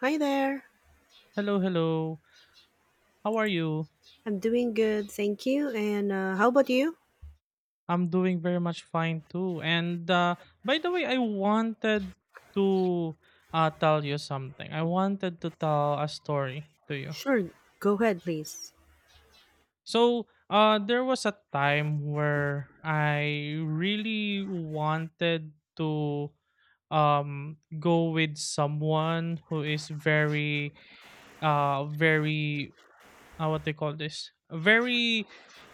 Hi there. Hello, hello. How are you? I'm doing good, thank you. And how about you? I'm doing very much fine too. And by the way, I wanted to tell you something. I wanted to tell a story to you. Sure, go ahead, please. So, there was a time where I really wanted to go with someone who is very very, what they call this, very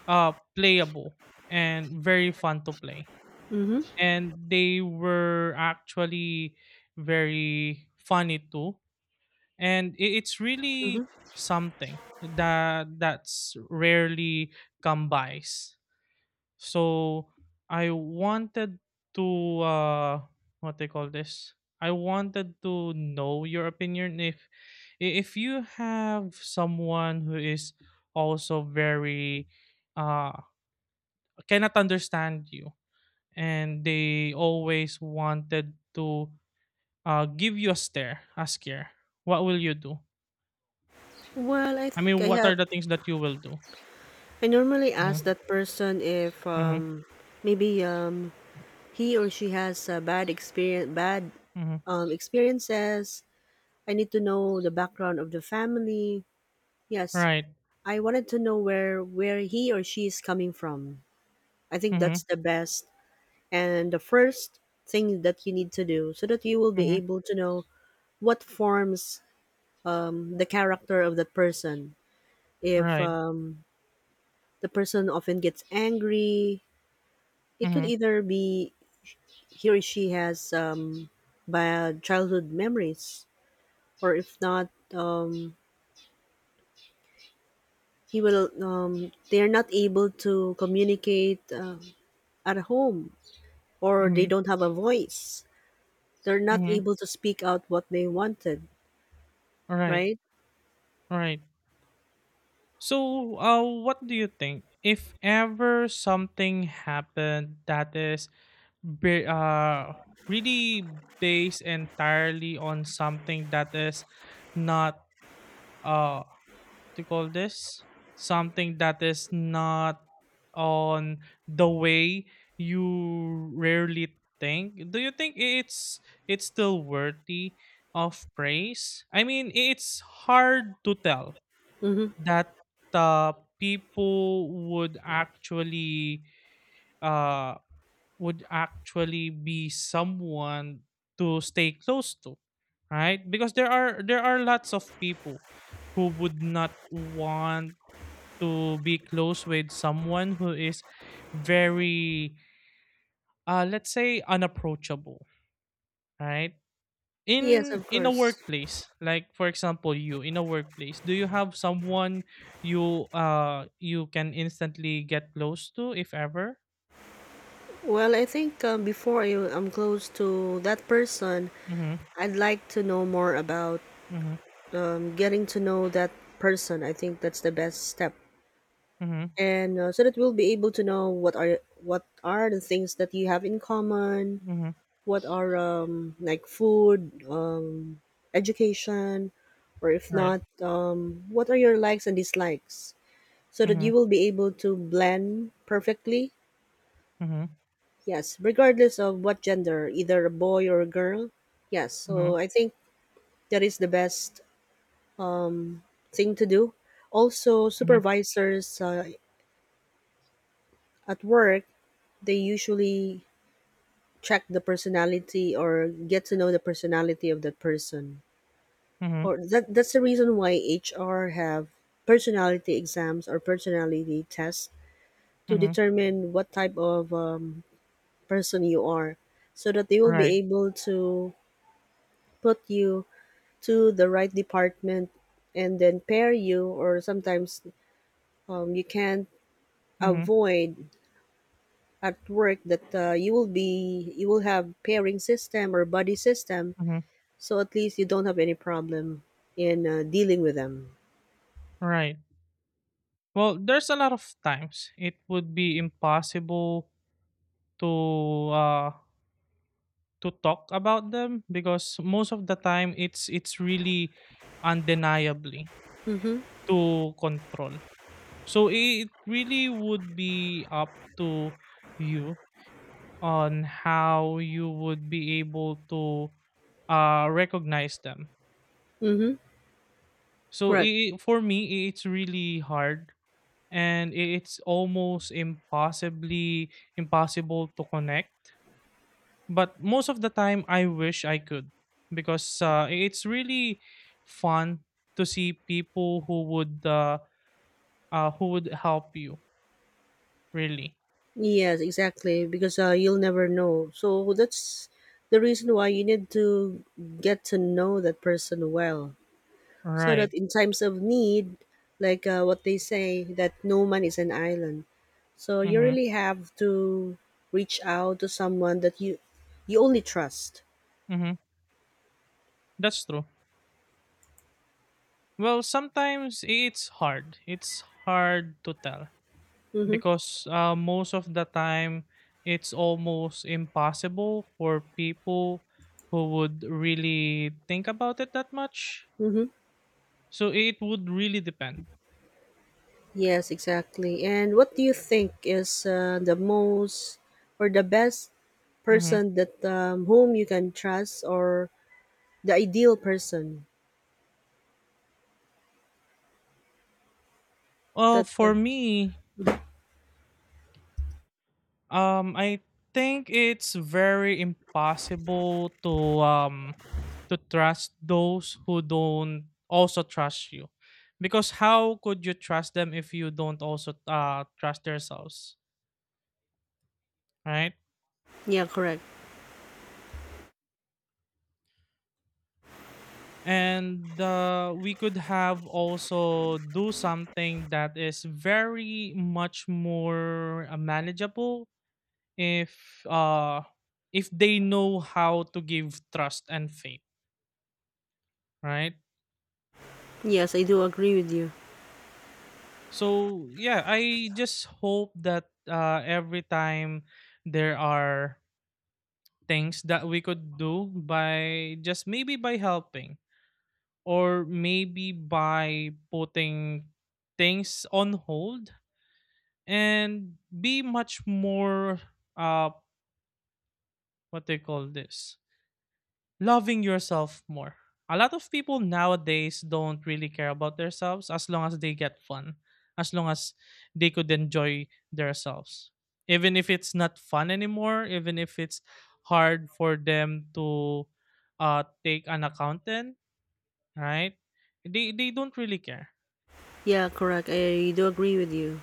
playable and very fun to play, Mm-hmm. and they were actually very funny too. And it's really Mm-hmm. something that's rarely come bys. So I wanted to what they call this, I wanted to know your opinion if if you have someone who is also very, uh cannot understand you, and they always wanted to give you a stare, a scare. What will you do? Well, I I think mean, I what have. are the things that you will do? I normally ask Mm-hmm. that person if Mm-hmm. Maybe he or she has a bad experience, bad Mm-hmm. Experiences. I need to know the background of the family. Yes, Right. I wanted to know where he or she is coming from. I think Mm-hmm. that's the best and the first thing that you need to do, so that you will Mm-hmm. be able to know what forms the character of that person. If Right. The person often gets angry, it could Mm-hmm. either be he or she has bad childhood memories, or if not, he will. They are not able to communicate at home, or they Mm-hmm. don't have a voice. They're not Mm-hmm. able to speak out what they wanted, Right. right? Right. So, what do you think? If ever something happened that is, ba- uh, really based entirely on something that is not, uh, to call this, something that is not on the way you rarely think, do you think it's still worthy of praise? I mean, it's hard to tell Mm-hmm. that uh, people uh would actually be someone to stay close to, right? Because there are lots of people who would not want to be close with someone who is very, let's say, unapproachable, right? Yes, in of in a course. workplace, like for example, you, in a workplace, do you have someone you you can instantly get close to if ever? Well, I think before I, am close to that person, Mhm. I'd like to know more about Mhm. Getting to know that person. I think that's the best step, Mhm. and so that we'll be able to know what are the things that you have in common, Mhm. what are like food, education, or if Right. not, what are your likes and dislikes, so that Mhm. you will be able to blend perfectly. Mhm. Yes, regardless of what gender, either a boy or a girl. Yes, so Mhm. I think that is the best thing to do. Also, Mhm. supervisors at work, they usually check the personality or get to know the personality of that person. Mhm. Or that's the reason why HR have personality exams or personality tests to Mhm. determine what type of person you are, so that they will be Right. able to put you to the right department and then pair you. Or sometimes you can't Mhm. avoid at work that you will have pairing system or buddy system, Mhm. so at least you don't have any problem in dealing with them. Right. Well, there's a lot of times it would be impossible to uh to talk about them, because most of the time it's really undeniably Mm-hmm. to control. So it really would be up to you on how you would be able to recognize them. Mm-hmm. So i Correct. i- for me, it's really hard, and it's almost impossibly impossible to connect. But most of the time I wish I could, because it's really fun to see people who would help you really, Yes, exactly, because you'll never know, so that's the reason why you need to get to know that person well, so right? that in times of need, like what they say, that no man is an island. So you Mhm. really have to reach out to someone that you only trust. Mhm. That's true. Well, sometimes it's hard, it's hard to tell, Mm-hmm. because most of the time it's almost impossible for people who would really think about it that much. Mm-hmm. So it would really depend. Yes, exactly. And what do you think is the most or the best Mm-hmm. person that whom you can trust, or the ideal person Well, that for me, I think it's very impossible um to trust those who don't also trust you, because how could you trust them if you don't also trust yourselves, right? yeah, correct. And we could have also do something that is very much more manageable if if they know how to give trust and faith, right? Yes, I do agree with you. So yeah, I just hope that every time there are things that we could do by just maybe by helping, or maybe by putting things on hold, and be much more, uh what they call this, loving yourself more. A lot of people nowadays don't really care about themselves as long as they get fun, as long as they could enjoy themselves. Even if it's not fun anymore, even if it's hard for them to, take an accountant, right? They don't really care. Yeah, correct. I do agree with you.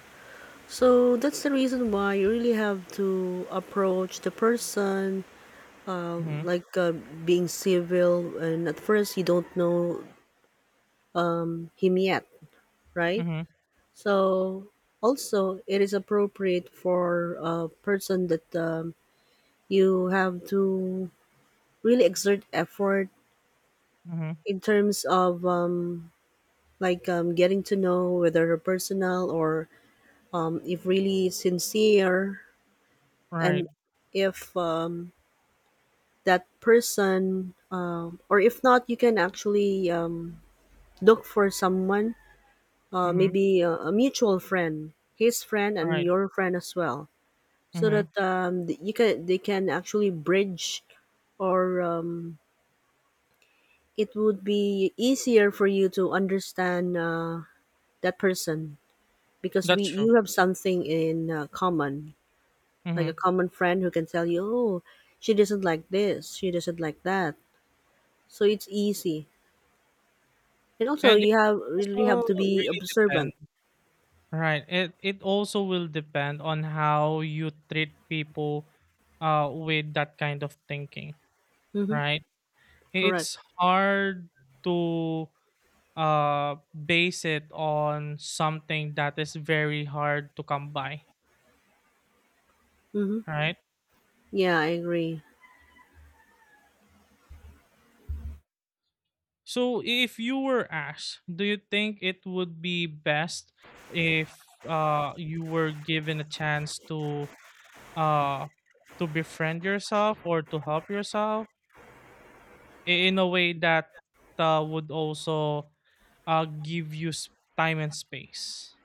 So that's the reason why you really have to approach the person Mm-hmm. like being civil, and at first you don't know him yet, right? Mm-hmm. So also it is appropriate for a person that you have to really exert effort Mm-hmm. in terms of like getting to know whether personal or if really sincere, and Right. if that person or if not, you can actually look for someone Mm-hmm. maybe a mutual friend, his friend and Right. your friend as well, so that Mm-hmm. You can they can actually bridge, or it would be easier for you to understand that person because we That's true. you have something in common, like a Mm-hmm. common friend who can tell you, oh, she doesn't like this, she doesn't like that, so it's easy. And also, And it you have really have also to be really depends. observant. Right. It also will depend on how you treat people with that kind of thinking, Mm-hmm. right? Correct. It's hard to base it on something that is very hard to come by, Mm-hmm. right? Yeah, I agree. So if you were asked, do you think it would be best if you were given a chance uh to befriend yourself or to help yourself? In a way that would also give you time and space.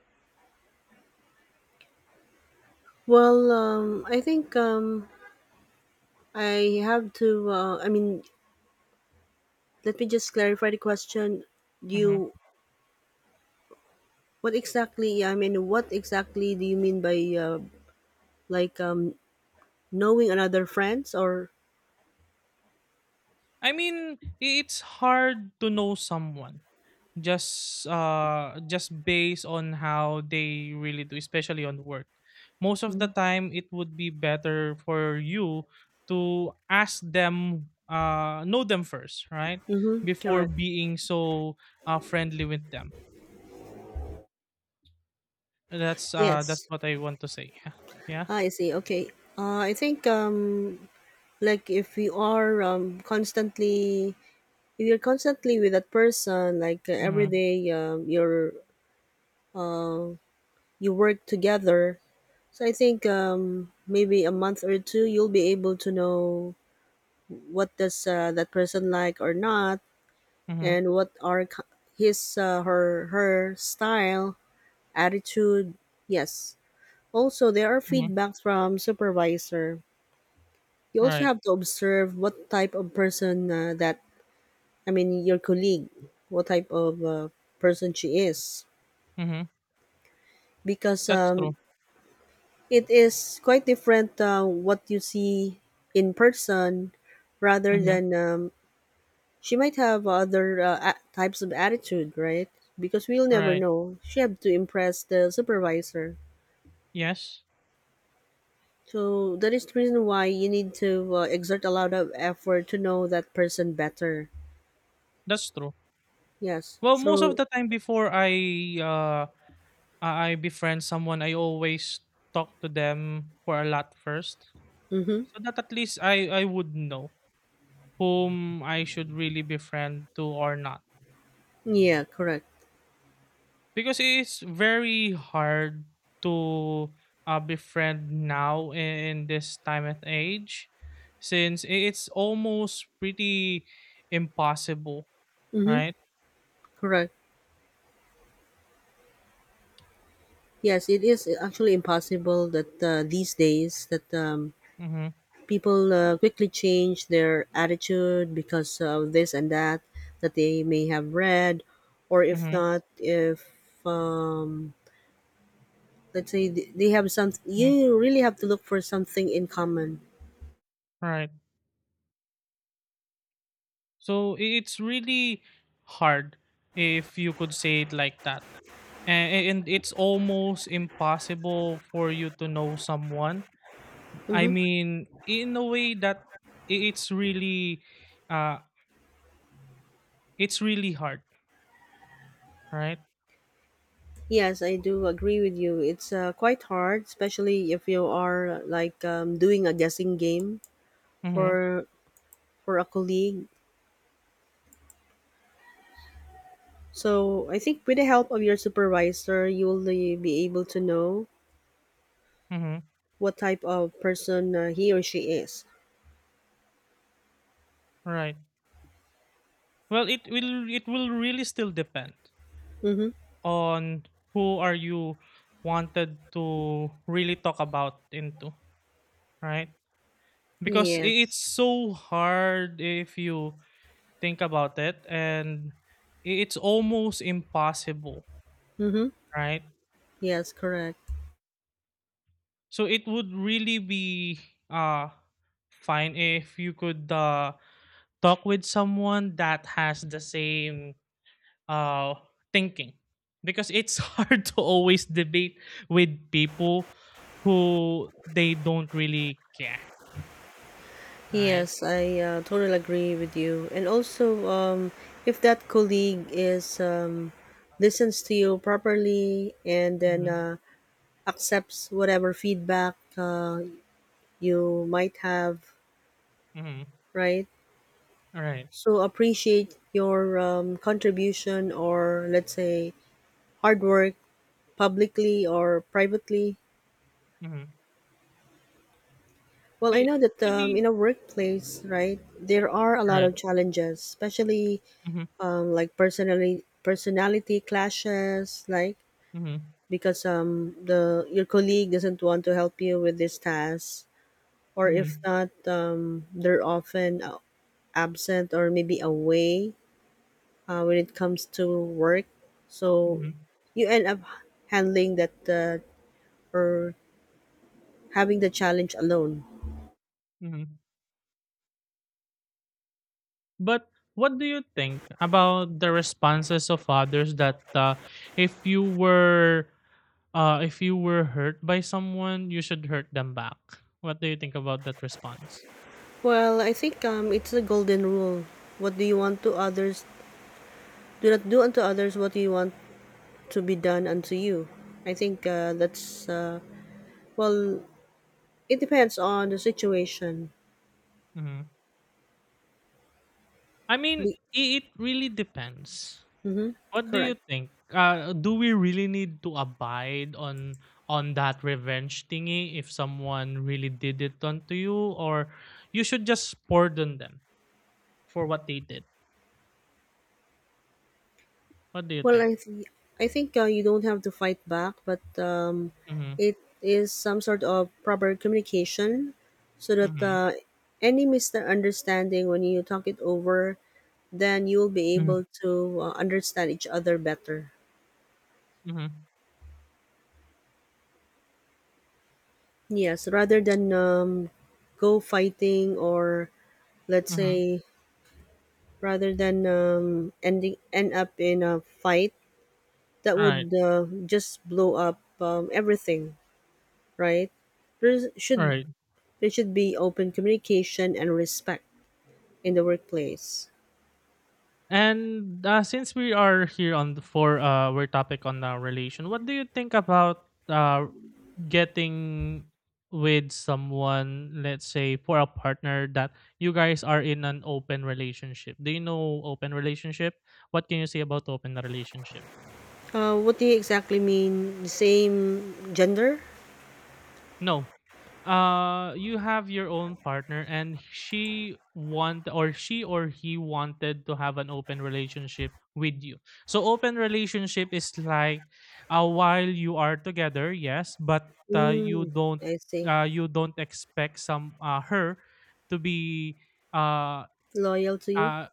Well, I think I have to. I mean, let me just clarify the question. Hmm. You, what exactly? Yeah, I mean, what exactly do you mean by like knowing another friends, or? I mean, it's hard to know someone just based on how they really do, especially on work. Most of the time it would be better for you to ask them, know them first, right? Mm-hmm. Before Correct. being so friendly with them. That's that's Yes. what I want to say. Yeah. Yeah. Ah, I see. Okay. I think like if we are constantly you're constantly with that person, like every Mm-hmm. day you work together. So I think maybe a month or two you'll be able to know what does that person like or not, Mm-hmm. and what are his her style, attitude. Yes. Also there are Mm-hmm. feedbacks from supervisor. You also Right. have to observe what type of person that, I mean, your colleague, what type of person she is, Mm-hmm. because That's true. it is quite different what you see in person rather Mm-hmm. than she might have other types of attitude, right? Because we'll never Right. know, she have to impress the supervisor. Yes. So that is the reason why you need to exert a lot of effort to know that person better. That's true. Yes, Well, most of through. the time before uh I befriend someone, I always talk to them for a lot first. Mm-hmm. So that at least I would know whom I should really befriend to or not. Yeah, correct. Because it's very hard to befriend now in this time and age, since it's almost pretty impossible, Mm-hmm. right? Correct. Yes, it is actually impossible that these days that Mm-hmm. people quickly change their attitude because of this and that that they may have read, or if Mm-hmm. not, if um, let's say they have some, Mm-hmm. you really have to look for something in common. Right. So it's really hard if you could say it like that. And it's almost impossible for you to know someone. I Hmm. mean, in a way that it's really uh it's really hard, right? Yes, I do agree with you. It's quite hard, especially if you are like doing a guessing game Mhm. for a colleague. So I think with the help of your supervisor you will be able to know Mhm. what type of person he or she is. Right. Well, it will really still depend Mm-hmm. on who are you wanted to really talk about into, right? Because i- Yes. it's so hard if you think about it, and it's almost impossible, Mm-hmm. right? Yes, correct. So it would really be uh fine if you could talk with someone that has the same uh thinking, because it's hard to always debate with people who they don't really care, right? Yes, I totally agree with you. And also, if that colleague is listens to you properly, and then Mm-hmm. Accepts whatever feedback you might have, Mm-hmm. right? All right. So appreciate your contribution, or let's say, hard work, publicly or privately. Mm-hmm. Well, it, I it know that really, in a workplace, right, there are a lot right? of challenges, especially Mm-hmm. Like personally personality clashes, like Mm-hmm. because the your colleague doesn't want to help you with this task, or if Mm-hmm. not, they're often absent or maybe away when it comes to work. So Mm-hmm. you end up handling that, or having the challenge alone. Mm-hmm. But what do you think about the responses of others, that if you were if you were hurt by someone, you should hurt them back? What do you think about that response? Well, I think it's the golden rule. What do you want to others? Do not do unto others what you want to be done unto you. I think that's well. It depends on the situation. Hmm. I mean, The, it really depends. What do Correct. you think? Do we really need to abide on that revenge thingy if someone really did it onto you, or you should just pardon them for what they did? What do you Well, think? I I think you don't have to fight back, but Mm-hmm. it is some sort of proper communication, so that Mm-hmm. Any misunderstanding, when you talk it over, then you will be Mm-hmm. able to understand each other better. Mm-hmm. Yes, rather than go fighting, or let's Mm-hmm. say, rather than end up in a fight that All right. would just blow up everything, right? There All should right. there should be open communication and respect in the workplace. And since we are here on the, for our topic on relation, what do you think about getting with someone, let's say, for a partner, that you guys are in an open relationship? Do you know open relationship? What can you say about open relationship? What do you exactly mean? Same gender? No. You have your own partner, and she want, or she or he wanted to have an open relationship with you. So open relationship is like, while you are together, yes, but you Mm, don't, I see. You don't expect some, her to be uh Loyal to you? uh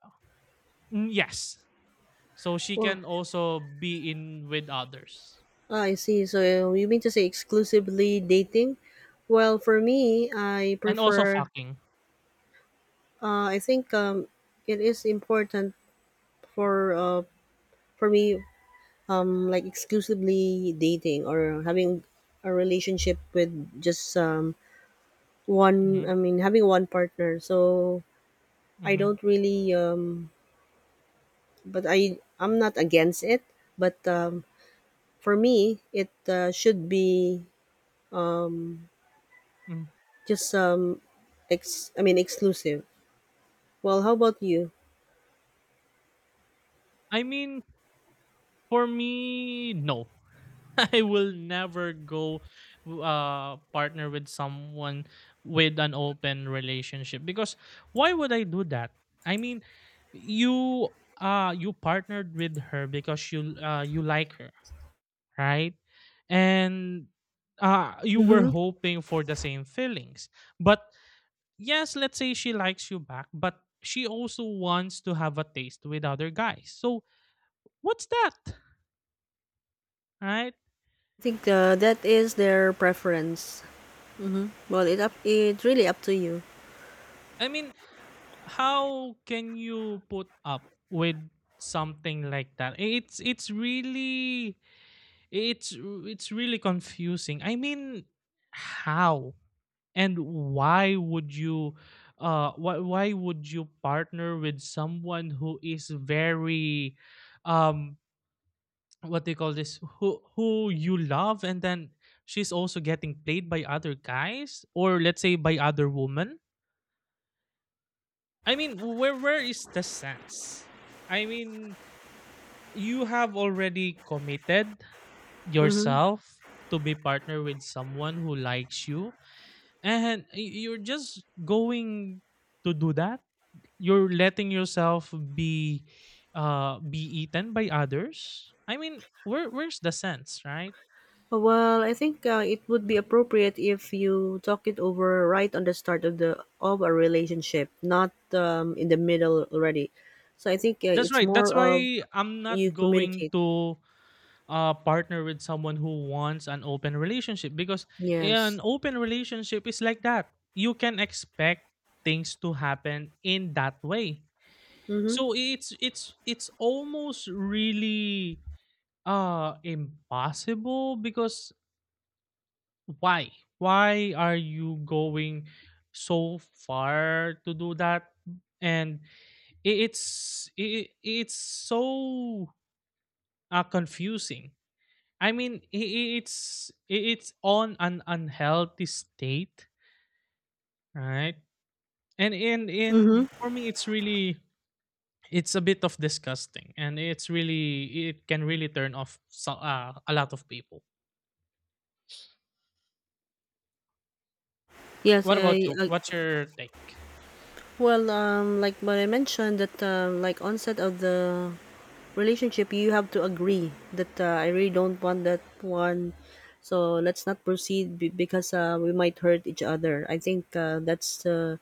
yes. So she Wow. can also be in with others. Ah, I see. So you mean to say exclusively dating? Well, for me, I And also prefer. fucking. I think it is important for for me like exclusively dating, or having a relationship with just one. Mhm. I mean, having one partner. So I Mhm. don't really. But I'm not against it. But for me, it should be Hmm. just ex. I mean, exclusive. Well, how about you? I mean. For me, no. I will never go partner with someone with an open relationship, because why would I do that? I mean, you you partnered with her because you you like her, right? And you were Mm-hmm. hoping for the same feelings. But yes, let's say she likes you back, but she also wants to have a taste with other guys. So what's that? Right? I think that is their preference. Mm-hmm. Well, it's really up to you. I mean, how can you put up with something like that? It's really it's it's really confusing. I mean, how and why would you, why would you partner with someone who is very, um what they call this, who you love, and then she's also getting played by other guys, or let's say by other women? I mean, where is the sense? I mean, you have already committed Mm-hmm. yourself to be partner with someone who likes you, and you're just going to do that. You're letting yourself be eaten by others. I mean, where's the sense, right? Well, I think it would be appropriate if you talk it over right on the start of the of a relationship, not in the middle already. So I think That's it's right. more That's of, why I'm not you going communicate. to partner with someone who wants an open relationship, because Yes. an open relationship is like that. You can expect things to happen in that way. Mm-hmm. So it's almost really impossible, because why? Why are you going so far to do that? And it's so confusing. I mean, it's on an unhealthy state, right? And in Mm-hmm. for me, it's really it's a bit of disgusting, and it's really it can really turn off, a lot of people. Yes, What about I, you? I What's your take? well, like what I mentioned, that like onset of the relationship, you have to agree that I really don't want that one, so let's not proceed, because we might hurt each other. I think that's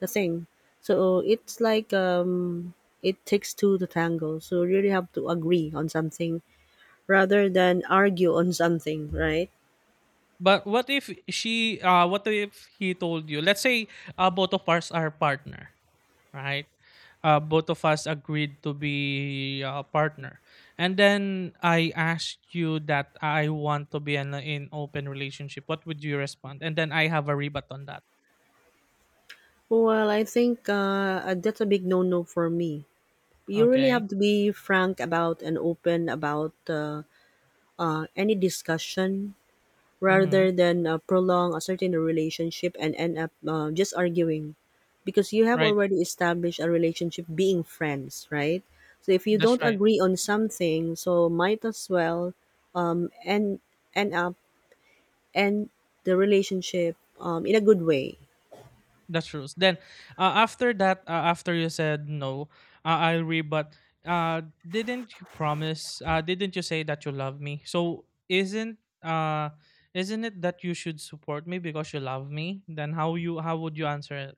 the thing. So it's like, it takes two to tango, so you really have to agree on something rather than argue on something, right? But what if she, what if he told you? Let's say, both of us are partner, right? Both of us agreed to be a partner. And then I asked you that I want to be in an in open relationship. What would you respond? And then I have a rebut on that. Well, I think that's a big no-no for me. You really Okay. have to be frank about and open about any discussion, Mm-hmm. rather than prolong a certain relationship and end up just arguing, because you have Right. already established a relationship being friends, right? So if you That's don't right. agree on something, so might as well end end up end the relationship in a good way. That's true. Then after that, after you said no, I agree. But uh, didn't you promise? Didn't you say that you love me? So isn't, isn't it that you should support me because you love me? Then how you how would you answer it?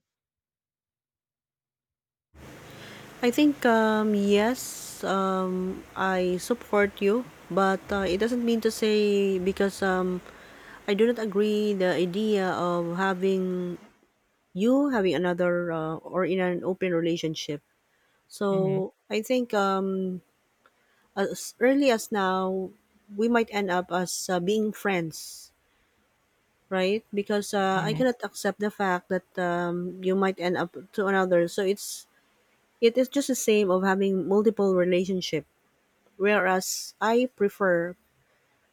I think yes, I support you, but it doesn't mean to say because I do not agree the idea of having you having another or in an open relationship. Mm-hmm. So I think as early as now, we might end up as being friends, right? Because I Mm-hmm. cannot accept the fact that you might end up to another. So it is just the same of having multiple relationship. Whereas I prefer,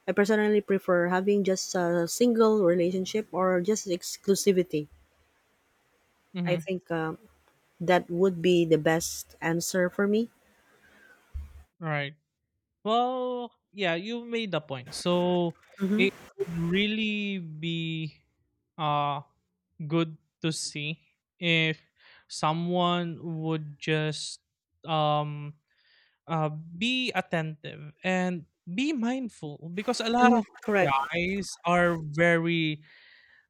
I personally prefer having just a single relationship, or just exclusivity. I Mm-hmm. think that would be the best answer for me. Right. Well, yeah, you made the point. So Mhm. it would really be uh good to see if someone would just, um be attentive and be mindful, because a lot Mhm, of correct. guys are very,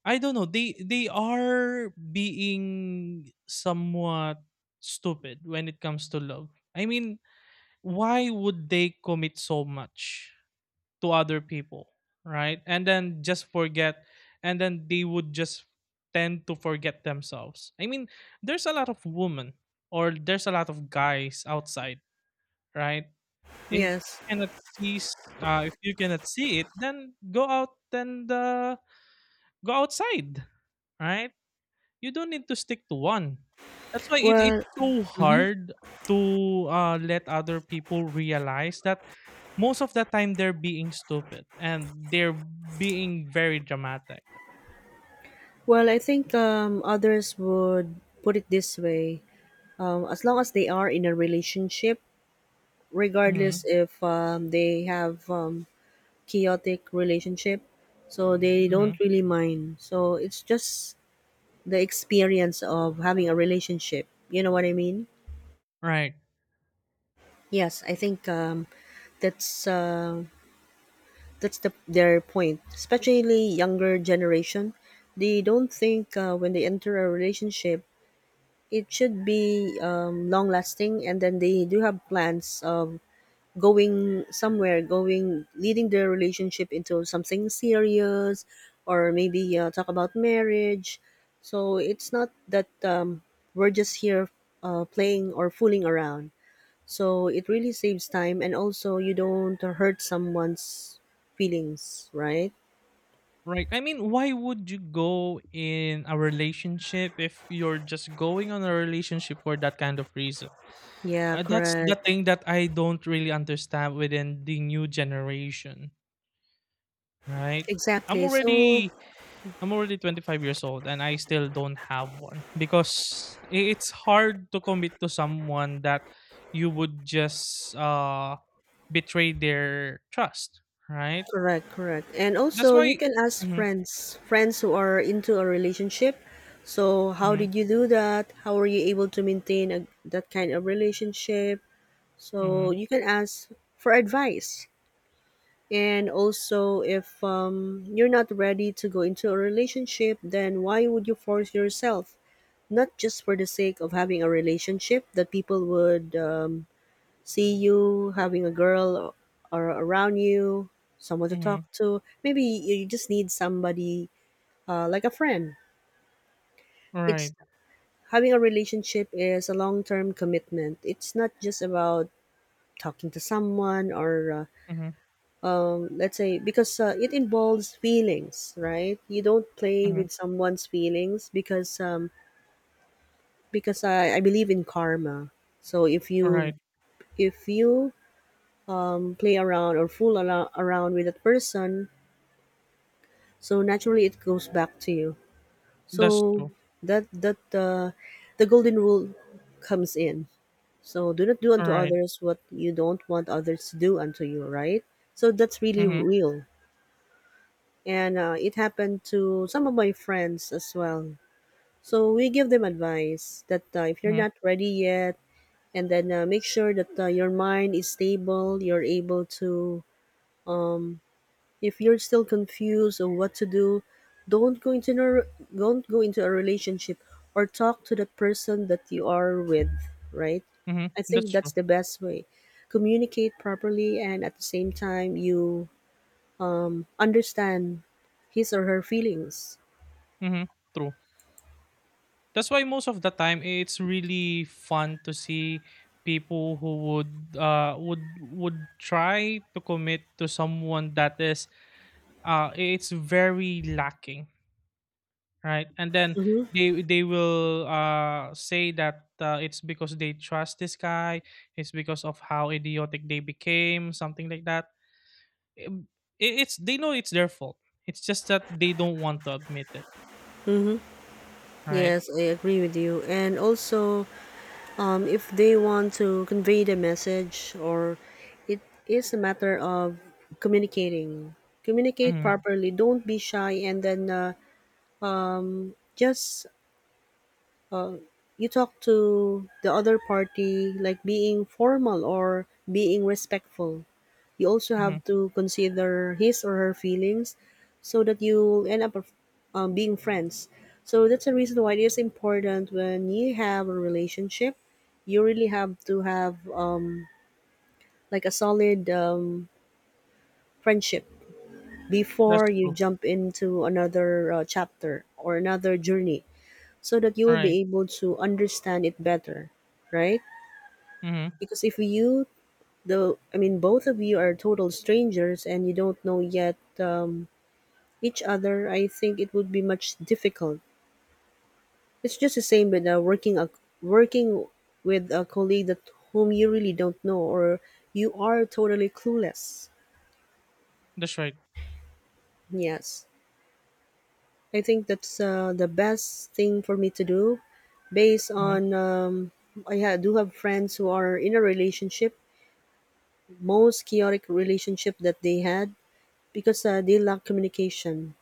I don't know, they are being somewhat stupid when it comes to love. I mean, why would they commit so much to other people, right? And then just forget, and then they would just tend to forget themselves. I mean, there's a lot of women, or there's a lot of guys outside, right? If you Yes. cannot see, if you cannot see it, then go out and go outside, right? You don't need to stick to one. That's why Well, it's so hmm hard to let other people realize that most of the time they're being stupid and they're being very dramatic. well, I think others would put it this way: as long as they are in a relationship, Hmm. regardless if they have chaotic relationship, so they Hmm. don't really mind. So it's just the experience of having a relationship. You know what I mean? Right. Yes, I think that's. Uh, that's the their point, especially younger generation. They don't think when they enter a relationship it should be long lasting, and then they do have plans of going somewhere going leading their relationship into something serious or maybe talk about marriage. So it's not that we're just here playing or fooling around, so it really saves time, and also you don't hurt someone's feelings, right? Right. I mean, why would you go in a relationship if you're just going on a relationship for that kind of reason? Yeah, That's the correct. thing that I don't really understand within the new generation, right? I'm Exactly. So already I'm already 25 years old and I still don't have one, because it's hard to commit to someone that you would just betray their trust, right? correct, correct. And also That's you why. can ask Mm-hmm. friends who are into a relationship. So how did you do that? How are you able to maintain a, that kind of relationship? So Hmm. you can ask for advice. And also, if you're not ready to go into a relationship, then why would you force yourself? Not just for the sake of having a relationship, that people would see you having a girl or around you, someone to Mm-hmm. talk to. Maybe you just need somebody like a friend. Mm-hmm. It's, Right. having a relationship is a long-term commitment. It's not just about talking to someone or let's say, because it involves feelings, right? You don't play Hmm. with someone's feelings, because I believe in karma. So if All you, right. if you play around or fool around with that person, so naturally it goes back to you. That's So true. that the golden rule comes in. So do not do unto Right. others what you don't want others to do unto you, right? So that's really Mm right. real, and it happened to some of my friends as well. So we give them advice that if you're Hmm. not ready yet, and then make sure that your mind is stable, you're able to um, if you're still confused on what to do, don't go into a, don't go into a relationship, or talk to the person that you are with, right? Mm-hmm. I That's think that's true. the best way. Communicate properly, and at the same time you understand his or her feelings. Hmm. True. That's why most of the time it's really fun to see people who would would try to commit to someone that is it's very lacking, right? And then they will say that it's because they trust this guy, it's because of how idiotic they became, something like that. Um, it's they know it's their fault, it's just that they don't want to admit it, right? Yes, I agree with you. And also, if they want to convey the message, or it is a matter of communicating, communicate Mm-hmm. properly. Don't be shy, and then just, you talk to the other party, like being formal or being respectful. You also Mm-hmm. have to consider his or her feelings, so that you end up being friends. So that's the reason why it is important, when you have a relationship you really have to have like a solid friendship before That's you true. jump into another chapter or another journey, so that you All will right. be able to understand it better, right? Mm-hmm. Because if you, the, I mean, both of you are total strangers and you don't know yet each other, I think it would be much difficult. It's just the same with working with a colleague that, whom you really don't know, or you are totally clueless. That's right. Yes, I think that's the best thing for me to do, based Mhm. on do have friends who are in a relationship, most chaotic relationship that they had, because they lack communication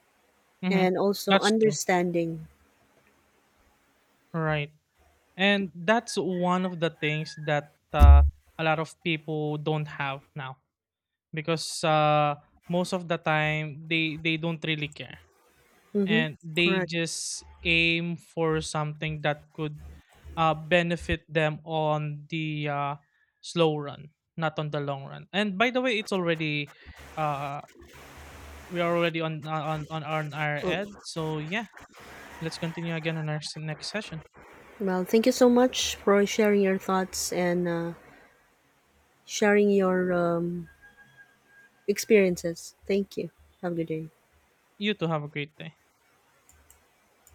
Mhm. and also That's true, understanding. right. And that's one of the things that a lot of people don't have now, because most of the time they don't really care, Mm-hmm. and they Correct. just aim for something that could benefit them on the, slow run, not on the long run. And by the way, it's already, uh, we are already on our Well, ad. So yeah, let's continue again on our next session. well, thank you so much for sharing your thoughts and sharing your experiences. Thank you. Have a good day. You too. Have a great day.